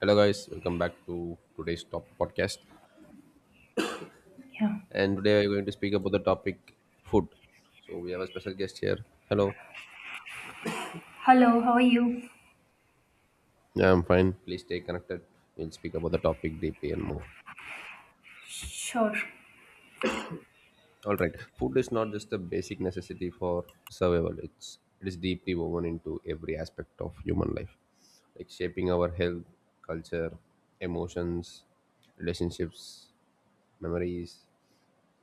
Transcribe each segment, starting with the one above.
Hello, guys. Welcome back to today's top podcast. Yeah. And today we're going to speak about the topic food. So we have a special guest here. Hello. Hello, how are you? Yeah, I'm fine. Please stay connected. We'll speak about the topic deeply and more. Sure. All right. Food is not just a basic necessity for survival. It is deeply woven into every aspect of human life, like shaping our health, culture, emotions, relationships, memories,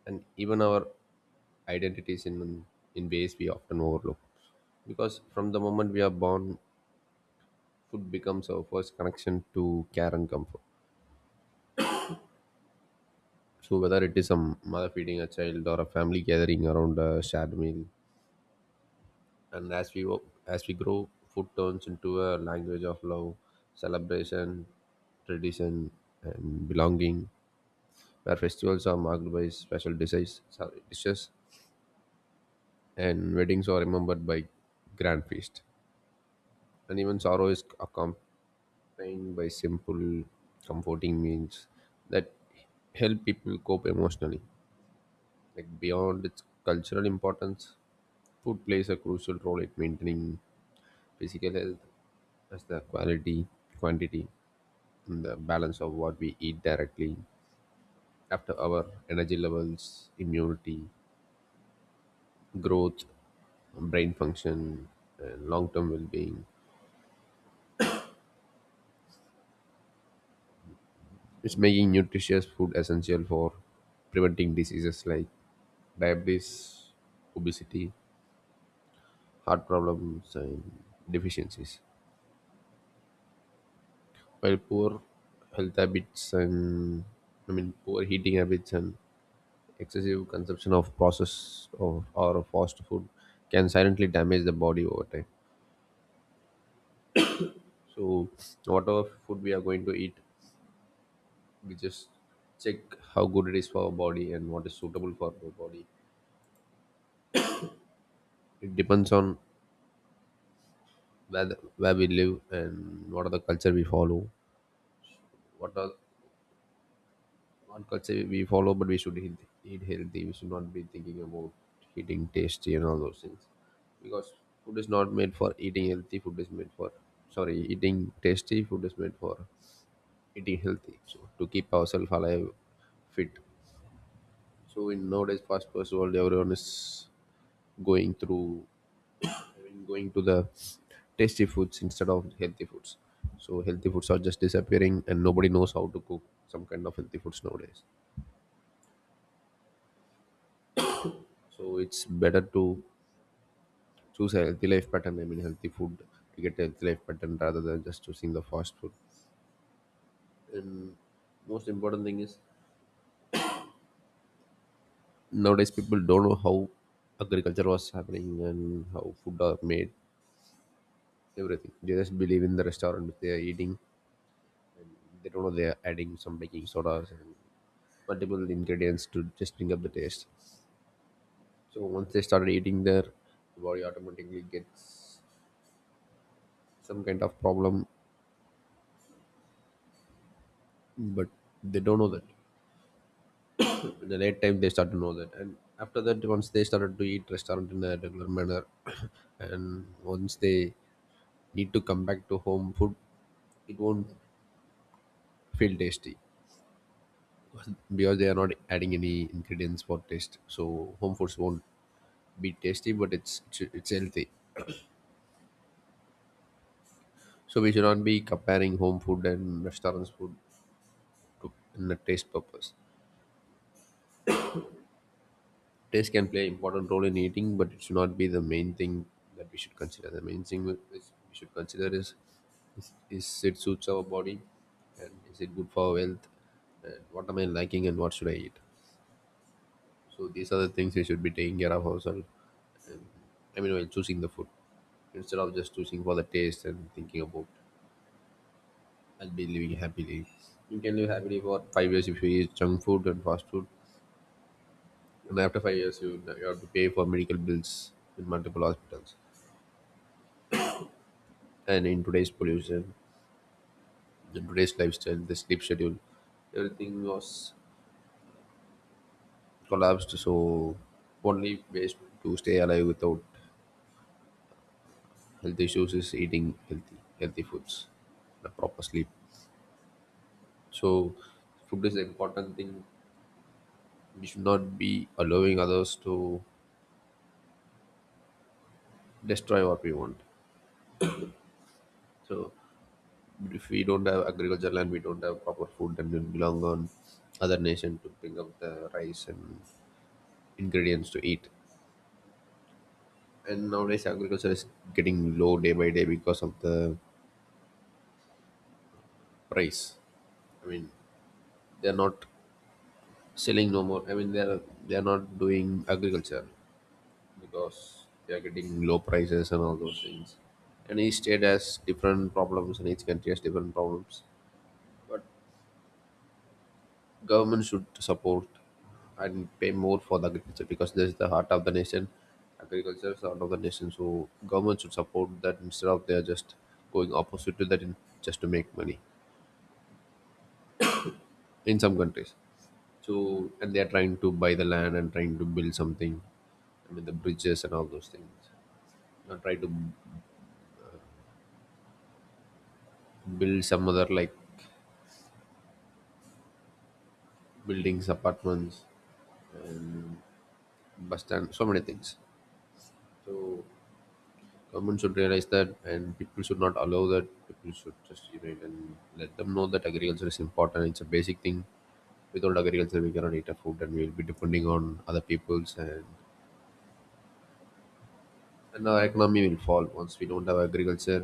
and even our identities in ways we often overlook. Because from the moment we are born, food becomes our first connection to care and comfort. So whether it is a mother feeding a child or a family gathering around a shared meal, and as we grow, food turns into a language of love, celebration, tradition, and belonging. Where festivals are marked by special dishes, sorry, dishes, and weddings are remembered by grand feast, and even sorrow is accom- pain by simple, comforting means that help people cope emotionally. Like beyond its cultural importance, food plays a crucial role in maintaining physical health as the quality, quantity, and the balance of what we eat directly after our energy levels, immunity, growth, brain function, and long term well being. It's making nutritious food essential for preventing diseases like diabetes, obesity, heart problems, and deficiencies. While health habits and poor eating habits and excessive consumption of processed or fast food can silently damage the body over time. So whatever food we are going to eat, we just check how good it is for our body and what is suitable for our body. It depends on where we live and what are the culture we follow, what are what culture we follow, but eat healthy. We should not be thinking about eating tasty and all those things, because food is not made for eating healthy. Food is made for sorry, eating tasty. Food is made for eating healthy. So to keep ourselves alive, fit. So in nowadays, fast first world, everyone is going through, I mean, going to the tasty foods instead of healthy foods. So healthy foods are just disappearing, and nobody knows how to cook some kind of healthy foods nowadays. So it's better to choose a healthy life pattern I mean healthy food to get a healthy life pattern rather than just choosing the fast food. And most important thing is, nowadays people don't know how agriculture was happening and how food are made. Everything, they just believe in the restaurant which they are eating. They don't know they are adding some baking sodas and multiple ingredients to just bring up the taste. So once they started eating, their body automatically gets some kind of problem, but they don't know that. In the late time they start to know that, and after that once they started to eat restaurant in a regular manner and once they need to come back to home food, it won't feel tasty, because they are not adding any ingredients for taste, so home foods won't be tasty, but it's healthy. So we should not be comparing home food and restaurants food in the taste purpose. Taste can play important role in eating, but it should not be the main thing that we should consider. The main thing we is- We should consider is is it suits our body, and is it good for our health, and what am I liking, and what should I eat. So these are the things we should be taking care of ourselves. And, while choosing the food, instead of just choosing for the taste and thinking about I'll be living happily. You can live happily for 5 years if you eat junk food and fast food, and after 5 years you have to pay for medical bills in multiple hospitals. And in today's pollution, in today's lifestyle, the sleep schedule, everything was collapsed. So only ways to stay alive without health issues is eating healthy foods, the proper sleep. So food is an important thing. We should not be allowing others to destroy what we want. So if we don't have agriculture land, we don't have proper food, then we belong on other nation to bring up the rice and ingredients to eat. And nowadays agriculture is getting low day by day because of the price. i mean they're not selling no more. They're not doing agriculture because they're getting low prices and all those things. And each state has different problems and each country has different problems. But government should support and pay more for the agriculture, because this is the heart of the nation. Agriculture is the heart of the nation, so government should support that instead of they're just going opposite to that just to make money in some countries. So and they are trying to buy the land and trying to build something. I mean the bridges and all those things. And try to build some other like buildings, apartments, and bus stand, so many things. So government should realize that, and people should not allow that. People should just unite and let them know that agriculture is important. It's a basic thing. Without agriculture, we cannot eat our food, and we will be depending on other peoples, and our economy will fall once we don't have agriculture.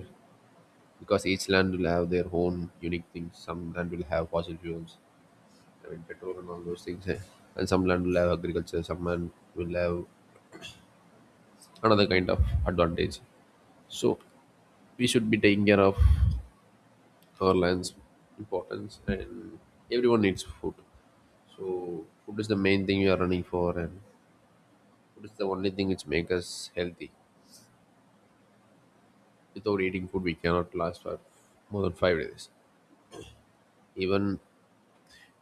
Because each land will have their own unique things. Some land will have fossil fuels, I mean petrol and all those things, and some land will have agriculture. Some land will have another kind of advantage. So we should be taking care of our land's importance, and everyone needs food. So food is the main thing we are running for, and food is the only thing which makes us healthy. Without eating food, we cannot last for more than 5 days. Even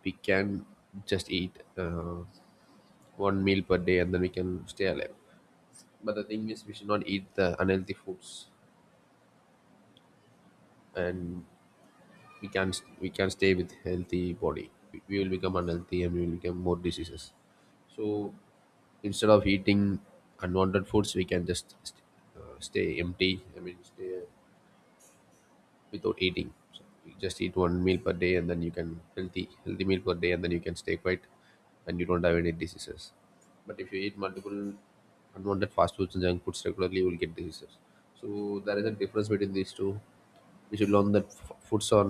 we can just eat. One meal per day and then we can stay alive. But the thing is, we should not eat the unhealthy foods. And we can not we can stay with healthy body. We will become unhealthy and we will become more diseases. So instead of eating unwanted foods, we can just stay empty, stay without eating. So you just eat one meal per day, and then you can healthy meal per day, and then you can stay quiet, and you don't have any diseases. But if you eat multiple unwanted fast foods and junk foods regularly, you will get diseases. So there is a difference between these two. We should learn that foods are,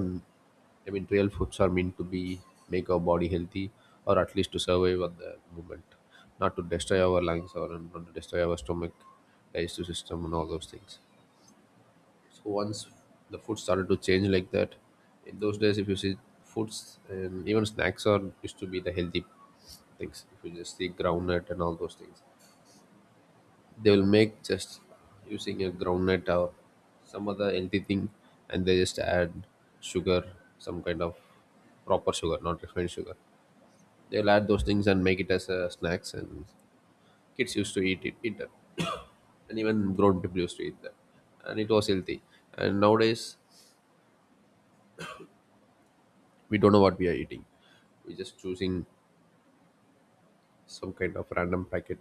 I mean, real foods are meant to be make our body healthy, or at least to survive at the moment, not to destroy our lungs or and not to destroy our stomach, digestive system, and all those things. So once the food started to change like that, in those days, if you see, foods and even snacks are used to be the healthy things. If you just see groundnut and all those things, they will make just using a groundnut or some other healthy thing, and they just add sugar, some kind of proper sugar, not refined sugar. They'll add those things and make it as a snacks, and kids used to eat it, eat that, and even grown people used to eat that, and it was healthy. And nowadays, we don't know what we are eating. We're just choosing some kind of random packet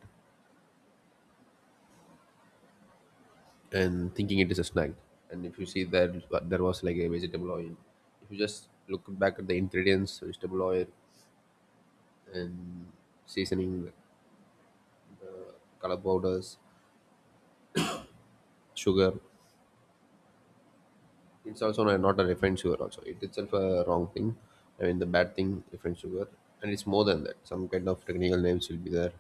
and thinking it is a snack. And if you see that, there was like a vegetable oil. If you just look back at the ingredients, vegetable oil, and seasoning, color powders, sugar. It's also not a refined sugar, also it itself a wrong thing, the bad thing, refined sugar. And it's more than that, some kind of technical names will be there.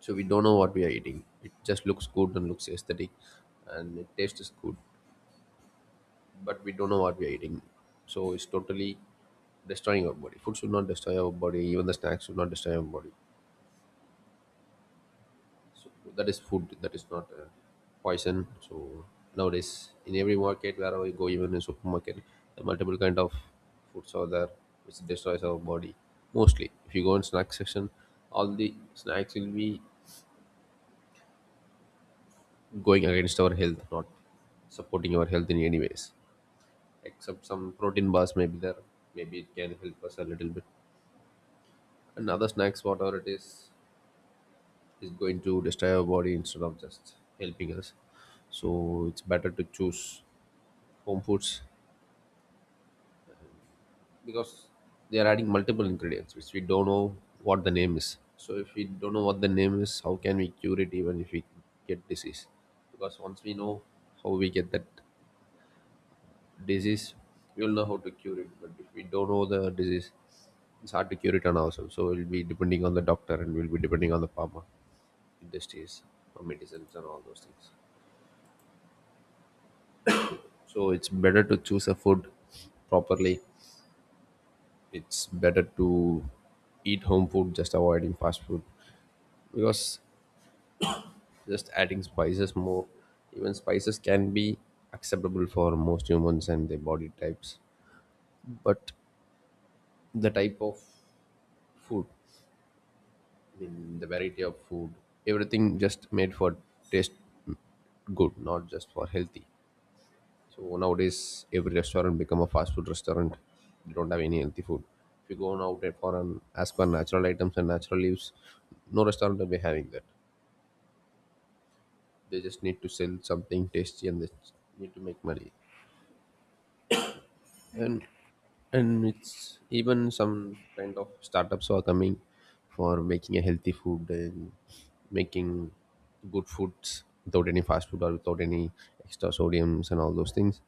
So we don't know what we are eating. It just looks good and looks aesthetic, and it tastes good, but we don't know what we are eating. So it's totally destroying our body. Food should not destroy our body, even the snacks should not destroy our body. So that is food, that is not poison. So nowadays in every market wherever you go, even in supermarket, the multiple kind of foods are there which destroys our body. Mostly if you go in snack section, all the snacks will be going against our health, not supporting our health in any ways, except some protein bars may be there, maybe it can help us a little bit. And other snacks, whatever it is going to destroy our body instead of just helping us. So it's better to choose home foods, because they are adding multiple ingredients which we don't know what the name is. So if we don't know what the name is, how can we cure it even if we get disease? Because Once we know how we get that disease, we will know how to cure it. But if we don't know the disease, it's hard to cure it on ourselves, so we'll be depending on the doctor and we'll be depending on the farmer industries or medicines and all those things. So it's better to choose a food properly. It's better to eat home food, just avoiding fast food, because just adding spices more, even spices can be acceptable for most humans and their body types. But the type of food, I mean the variety of food, everything just made for taste good, not just for healthy. So nowadays, every restaurant become a fast food restaurant. They don't have any healthy food. If you go on out there for an as per natural items and natural leaves, no restaurant will be having that. They just need to sell something tasty and they need to make money. And Right. and it's even some kind of startups are coming for making a healthy food and making good foods without any fast food or without any extra sodiums and all those things.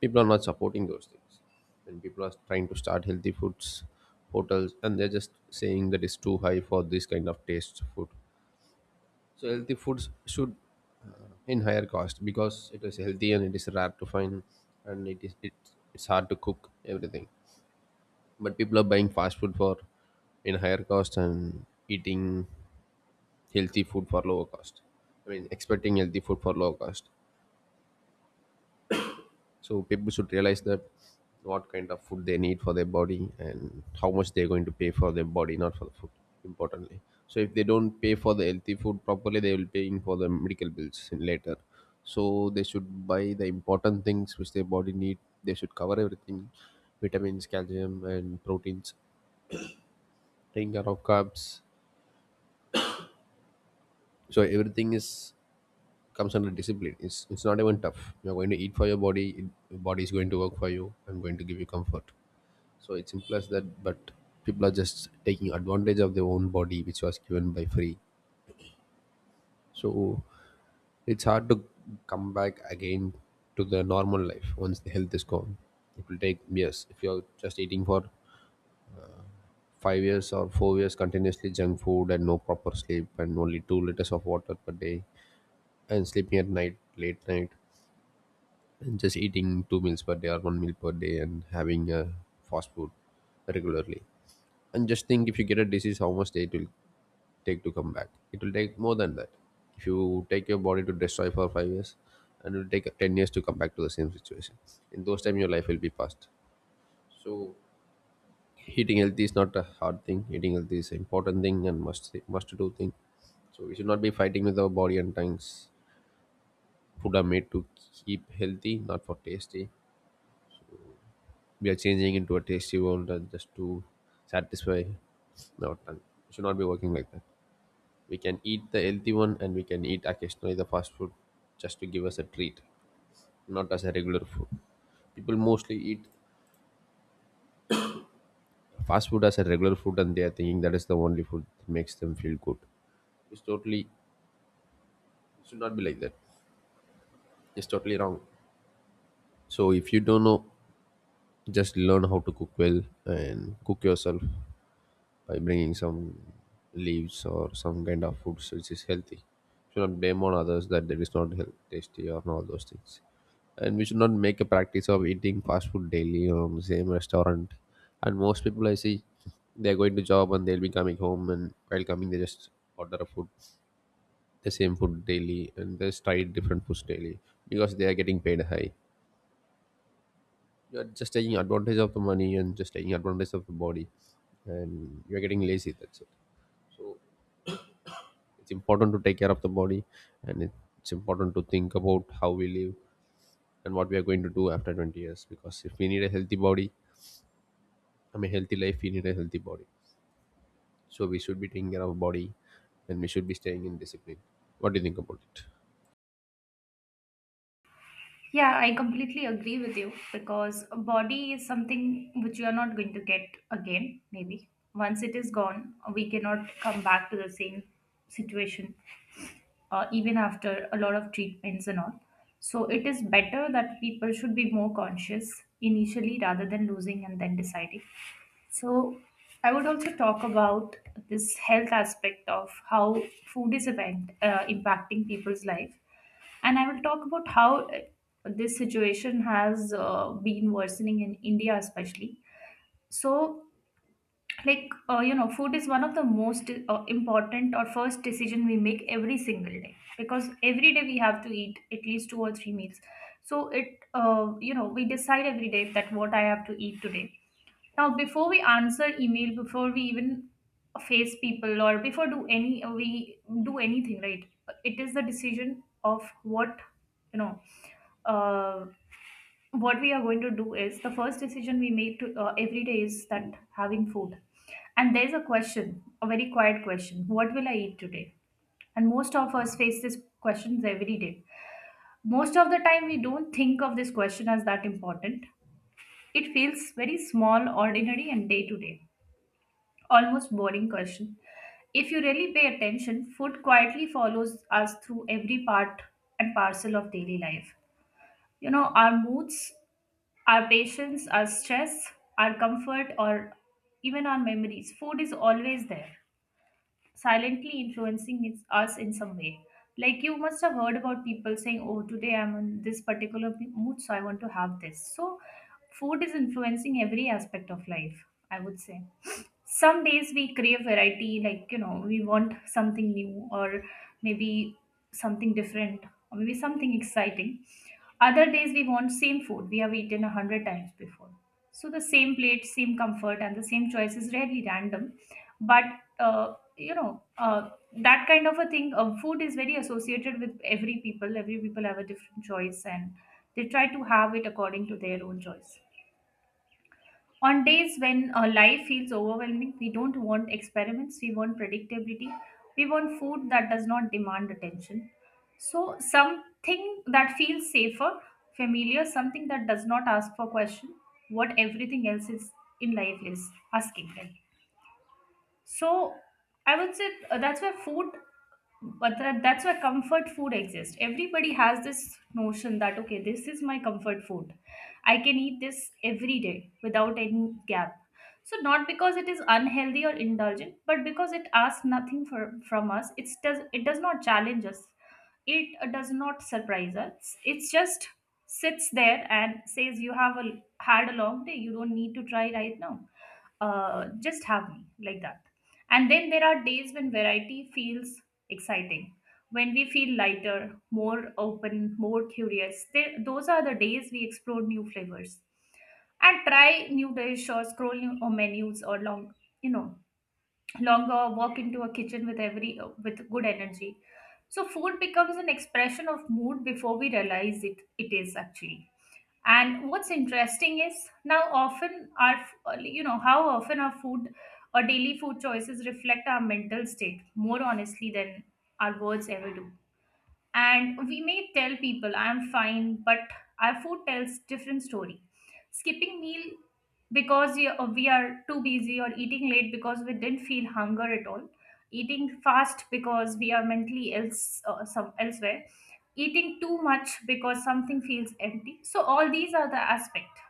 People are not supporting those things, and people are trying to start healthy foods hotels, and they're just saying that it's too high for this kind of taste food. So healthy foods should in higher cost, because it is healthy and it is rare to find, and it's hard to cook everything. But people are buying fast food for in higher cost and eating healthy food for lower cost. I mean expecting healthy food for lower cost. So people should realize that what kind of food they need for their body and how much they're going to pay for their body, not for the food, importantly. So if they don't pay for the healthy food properly, they will be paying for the medical bills in later. So they should buy the important things which their body need. They should cover everything: vitamins, calcium and proteins, taking care of carbs. So everything is comes under discipline. It's not even tough. You're going to eat for your body. Your body is going to work for you. I'm going to give you comfort. So it's simple as that. But people are just taking advantage of their own body which was given by free. So it's hard to come back again to the normal life once the health is gone. It will take years if you're just eating for 5 years or 4 years continuously junk food and no proper sleep and only 2 liters of water per day and sleeping at night late night and just eating two meals per day or one meal per day and having fast food regularly. And just think, if you get a disease, how much day it will take to come back? It will take more than that. If you take your body to destroy for 5 years, and it will take 10 years to come back to the same situation. In those time your life will be past. So eating healthy is not a hard thing. Eating healthy is an important thing and must do thing. So we should not be fighting with our body and tongues. Food are made to keep healthy, not for tasty. We are changing into a tasty world and just to satisfy our tongue. We should not be working like that. We can eat the healthy one, and we can eat occasionally the fast food just to give us a treat, not as a regular food. People mostly eat fast food as a regular food and they are thinking that is the only food that makes them feel good. It should not be like that. It's totally wrong. So if you don't know, just learn how to cook well and cook yourself by bringing some leaves or some kind of foods which is healthy. Should not blame on others that it is not health, tasty or all those things. And we should not make a practice of eating fast food daily or on the same restaurant. And most people I see, they're going to job and they'll be coming home, and while coming they just order a food, the same food daily, and they just try different foods daily because they are getting paid high. You are just taking advantage of the money and just taking advantage of the body, and you are getting lazy. That's it. It's important to take care of the body, and it's important to think about how we live and what we are going to do after 20 years, because if we need a healthy body, I mean healthy life, we need a healthy body. So we should be taking care of body, and we should be staying in discipline. What do you think about it? Yeah, I completely agree with you because a body is something which you are not going to get again, maybe. Once it is gone, we cannot come back to the same situation, even after a lot of treatments and all. So it is better that people should be more conscious initially rather than losing and then deciding. So I would also talk about this health aspect of how food is event, impacting people's life, and I will talk about how this situation has been worsening in India, especially. So, like, you know, food is one of the most important or first decision we make every single day, because every day we have to eat at least two or three meals. So, you know, we decide every day that what I have to eat today now, before we answer email, before we even face people, or before do any we do anything, right? It is the decision of what you know. Uh, what we are going to do is the first decision we make to, every day, is that having food. And there's a question, a very quiet question: what will I eat today? And most of us face these questions every day. Most of the time, we don't think of this question as that important. It feels very small, ordinary, and day to day. Almost boring question. If you really pay attention, food quietly follows us through every part and parcel of daily life. You know, our moods, our patience, our stress, our comfort, or even our memories. Food is always there, silently us in some way. Like you must have heard about people saying, "Oh, today I'm in this particular mood, so I want to have this." So, food is influencing every aspect of life, I would say. Some days we crave variety, like, you know, we want something new, or maybe something different, or maybe something exciting. Other days we want same food we have eaten 100 times before. So the same plate, same comfort, and the same choice is rarely random. But uh, you know uh, that kind of a thing, food is very associated with every people. Every people have a different choice, and they try to have it according to their own choice. On days when life feels overwhelming, we don't want experiments, we want predictability, we want food that does not demand attention. So, something that feels safer, familiar, something that does not ask for question, what everything else is in life is asking them. So I would say that's where food, but that's where comfort food exists. Everybody has this notion that okay, this is my comfort food. I can eat this every day without any gap. So not because it is unhealthy or indulgent, but because it asks nothing for, from us. It does not challenge us. It does not surprise us. It just sits there and says, "You have a, had a long day. You don't need to try right now. Just have me like that." And then there are days when variety feels exciting, when we feel lighter, more open, more curious. Those are the days we explore new flavors and try new dish or scroll new or menus, or you know, longer walk into a kitchen with every with good energy. So food becomes an expression of mood before we realize it. It is actually. And what's interesting is, now often our, you know, how often our food or daily food choices reflect our mental state more honestly than our words ever do. And we may tell people I'm fine, but our food tells different story. Skipping meal because we are too busy, or eating late because we didn't feel hunger at all, eating fast because we are mentally elsewhere, eating too much because something feels empty. So all these are the aspect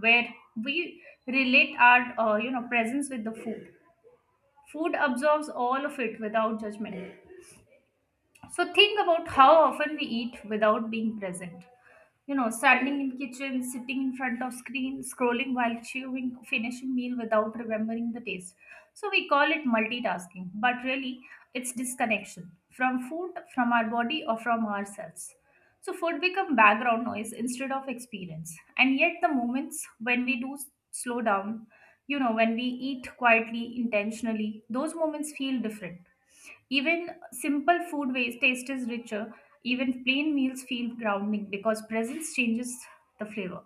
where we relate our you know presence with the food. Food absorbs all of it without judgment. So think about how often we eat without being present. You know, standing in kitchen, sitting in front of screen, scrolling while chewing, finishing meal without remembering the taste. So we call it multitasking, but really it's disconnection from food, from our body, or from ourselves. So food become background noise instead of experience. And yet the moments when we slow down, you know, when we eat quietly, intentionally, those moments feel different. Even simple food waste taste is richer. Even plain meals feel grounding because presence changes the flavor.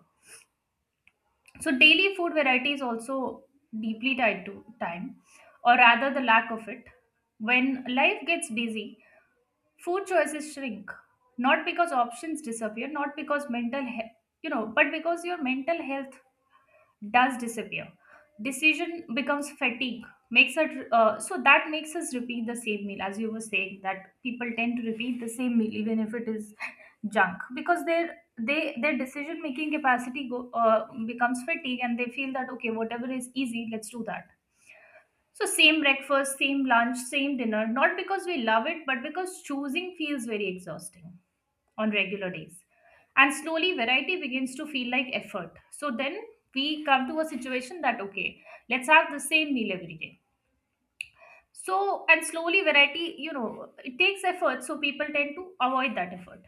So daily food variety is also deeply tied to time, or rather the lack of it. When life gets busy, food choices shrink. Not because options disappear, not because you know, but because your mental health does disappear. Decision becomes fatigue, makes it so that makes us repeat the same meal, as you were saying that people tend to repeat the same meal, even if it is junk, because their decision making capacity becomes fatigue, and they feel that okay whatever is easy let's do that. So same breakfast, same lunch, same dinner, not because we love it, but because choosing feels very exhausting on regular days. And slowly, variety begins to feel like effort. So then we come to a situation that, okay, let's have the same meal every day. So, and slowly, variety, you know, it takes effort. So people tend to avoid that effort.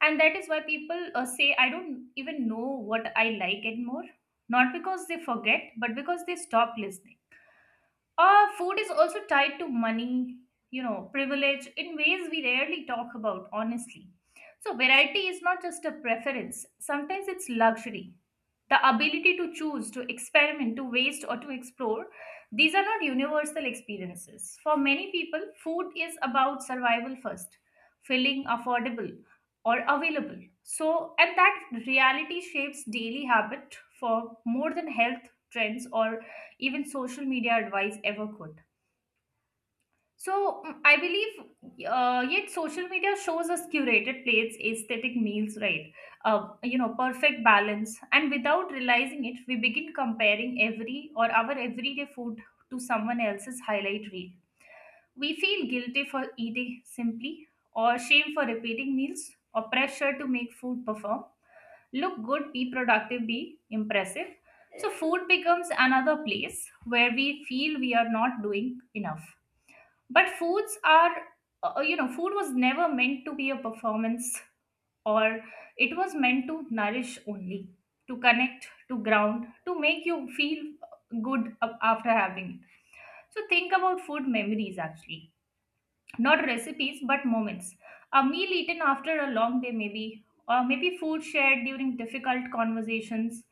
And that is why people say, "I don't even know what I like anymore." Not because they forget, but because they stop listening. Food is also tied to money, you know, privilege in ways we rarely talk about, honestly. So, variety is not just a preference, sometimes it's luxury. The ability to choose, to experiment, to waste, or to explore, these are not universal experiences. For many people, food is about survival first, feeling affordable or available. So, and that reality shapes daily habit for more than health trends or even social media advice ever could. So I believe, yet social media shows us curated plates, aesthetic meals, right? You know, perfect balance, and without realizing it, we begin comparing every or our everyday food to someone else's highlight reel. We feel guilty for eating simply, or shame for repeating meals, or pressure to make food perform, look good, be productive, be impressive. So, food becomes another place where we feel we are not doing enough. But foods are, food was never meant to be a performance, or it was meant to nourish only, to connect, to ground, to make you feel good after having it. So, think about food memories, actually not recipes but moments: a meal eaten after a long day maybe, or maybe food shared during difficult conversations,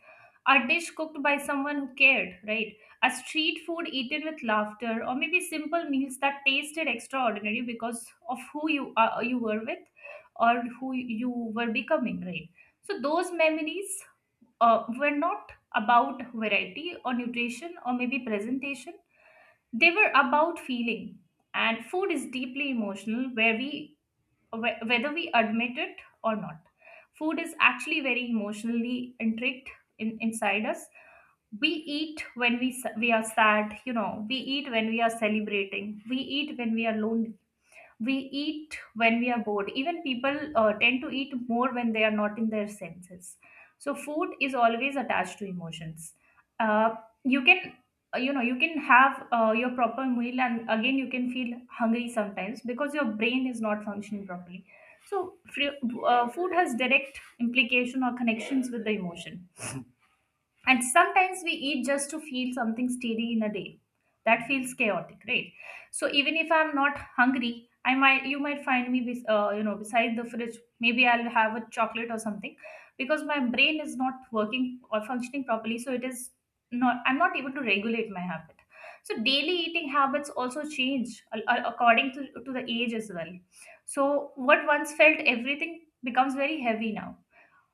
a dish cooked by someone who cared, right, a street food eaten with laughter, or maybe simple meals that tasted extraordinary because of who you were with, or who you were becoming, right? So those memories were not about variety or nutrition or maybe presentation. They were about feeling. And food is deeply emotional, whether we admit it or not. Food is actually very emotionally intrigued in, inside us. We eat when we are sad, you know, we eat when we are celebrating, we eat when we are lonely, we eat when we are bored. Even people tend to eat more when they are not in their senses. So food is always attached to emotions. uh, you can you know you can have your proper meal, and again you can feel hungry sometimes because your brain is not functioning properly. So food has direct implication or connections with the emotion. And sometimes we eat just to feel something steady in a day. That feels chaotic, right? So even if I'm not hungry, I might you might find me you know beside the fridge. Maybe I'll have a chocolate or something because my brain is not working or functioning properly. So it is not, I'm not able to regulate my habit. So daily eating habits also change according to the age as well. So what once felt everything becomes very heavy now,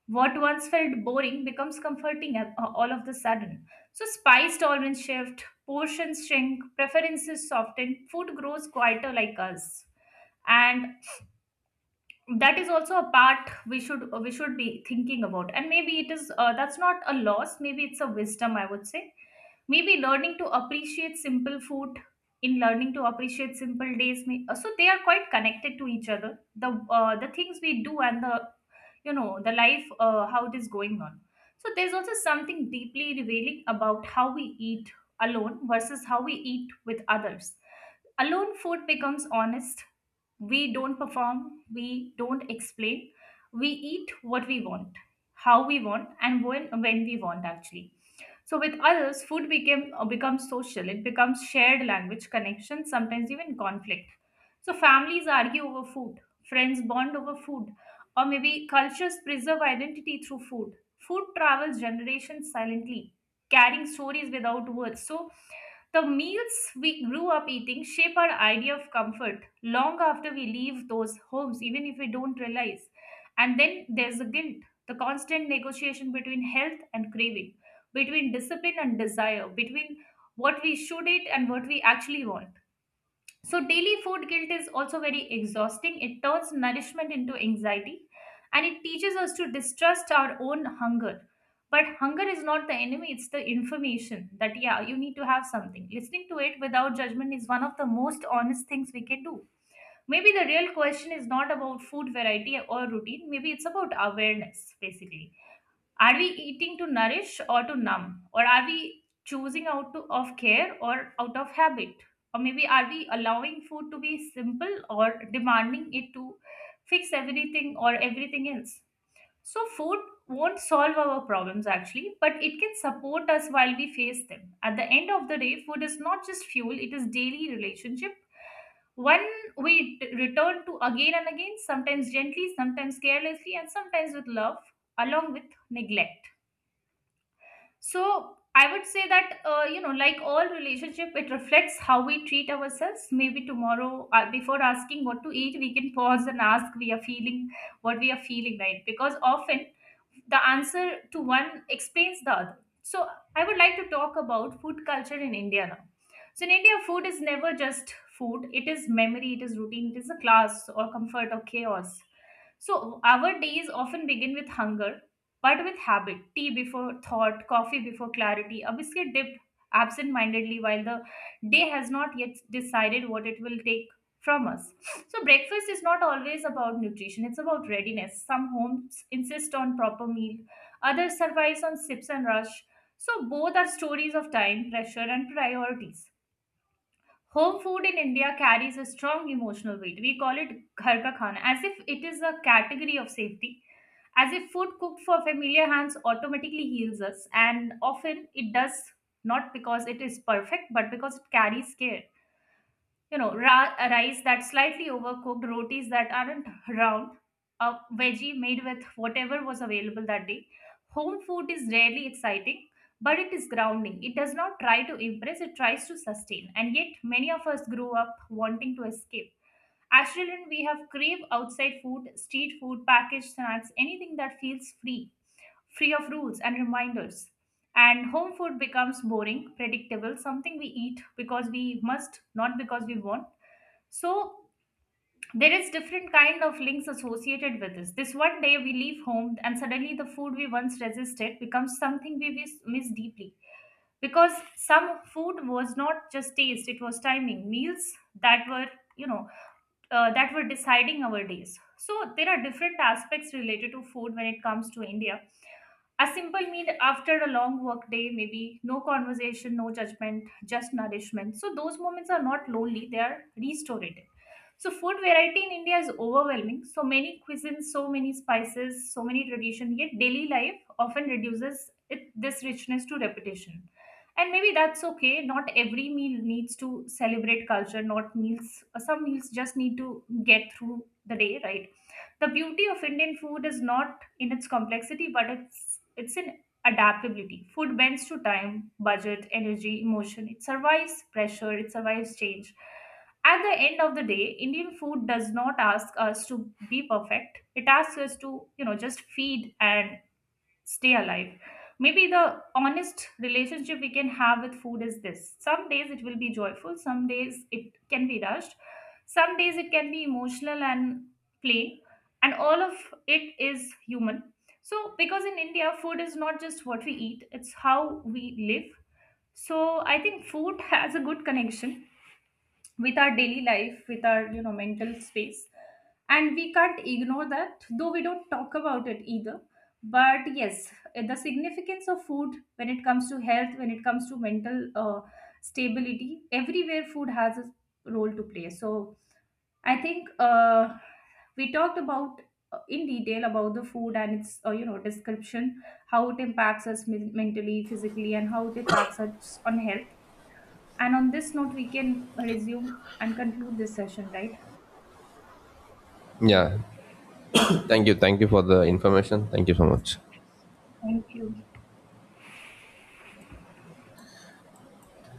what once felt boring becomes comforting all of the sudden. So, spice tolerance shift, portions shrink, preferences soften, food grows quieter like us. And that is also a part we should be thinking about. And maybe it is, that's not a loss. Maybe it's a wisdom, I would say. Maybe learning to appreciate simple food in learning to appreciate simple days. So they are quite connected to each other. The things we do and the the life, how it is going on. So there's also something deeply revealing about how we eat alone versus how we eat with others. Alone, food becomes honest. We don't perform, we don't explain. We eat what we want, how we want, and when we want, actually. So with others, food became becomes social. It becomes shared language, connection, sometimes even conflict. So families argue over food, friends bond over food, or maybe cultures preserve identity through food. Food travels generations silently, carrying stories without words. So the meals we grew up eating shape our idea of comfort long after we leave those homes, even if we don't realize. And then there's the guilt, the constant negotiation between health and craving, between discipline and desire, between what we should eat and what we actually want. So, daily food guilt is also very exhausting. It turns nourishment into anxiety and it teaches us to distrust our own hunger. But hunger is not the enemy, it's the information that, yeah, you need to have something. Listening to it without judgment is one of the most honest things we can do. Maybe the real question is not about food variety or routine, maybe it's about awareness, basically. Are we eating to nourish or to numb? Or are we choosing out to, of care or out of habit? Or maybe are we allowing food to be simple or demanding it to fix everything or everything else? So, food won't solve our problems actually, but it can support us while we face them. At the end of the day, food is not just fuel, it is daily relationship. One we return to again and again, sometimes gently, sometimes carelessly, and sometimes with love, along with neglect. So I would say that like all relationship, it reflects how we treat ourselves. Maybe tomorrow, before asking what to eat, we can pause and ask we are feeling what we are feeling, right? Because often the answer to one explains the other. So I would like to talk about food culture in India now. So in India, food is never just food. It is memory, it is routine, it is a class or comfort or chaos. So, our days often begin with hunger, but with habit: tea before thought, coffee before clarity, a biscuit dipped absent mindedly while the day has not yet decided what it will take from us. So, breakfast is not always about nutrition, it's about readiness. Some homes insist on proper meal, others survive on sips and rush. So, both are stories of time, pressure, and priorities. Home food in India carries a strong emotional weight. We call it ghar ka khana, as if it is a category of safety, as if food cooked for familiar hands automatically heals us, and often it does not because it is perfect, but because it carries care. Rice that's slightly overcooked, rotis that aren't round, a veggie made with whatever was available that day. Home food is rarely exciting, but it is grounding. It does not try to impress, it tries to sustain. And yet many of us grew up wanting to escape. As children we have craved outside food, street food, packaged snacks, anything that feels free, free of rules and reminders. And home food becomes boring, predictable, something we eat because we must, not because we want. So there is different kind of links associated with this. This one day we leave home and suddenly the food we once resisted becomes something we miss deeply. Because some food was not just taste, it was timing, meals that were, you know, that were deciding our days. So there are different aspects related to food when it comes to India. A simple meal after a long work day, maybe no conversation, no judgment, just nourishment. So those moments are not lonely, they are restorative. So food variety in India is overwhelming. So many cuisines, so many spices, so many traditions, yet daily life often reduces it, this richness, to repetition. And maybe that's okay. Not every meal needs to celebrate culture, not meals. Some meals just need to get through the day, right? The beauty of Indian food is not in its complexity, but it's an adaptability. Food bends to time, budget, energy, emotion. It survives pressure, it survives change. At the end of the day, Indian food does not ask us to be perfect. It asks us to, you know, just feed and stay alive. Maybe the honest relationship we can have with food is this. Some days it will be joyful, some days it can be rushed, some days it can be emotional and plain, and all of it is human. So, because in India, food is not just what we eat, it's how we live. So, I think food has a good connection with our daily life, with our mental space, and we can't ignore that, though we don't talk about it either. But yes, the significance of food, when it comes to health, when it comes to mental stability, everywhere food has a role to play. So I think we talked about in detail about the food and its description, how it impacts us mentally, physically, and how it impacts us on health. And on this note, we can resume and conclude this session, right? Yeah, thank you, thank you for the information, thank you so much. Thank you.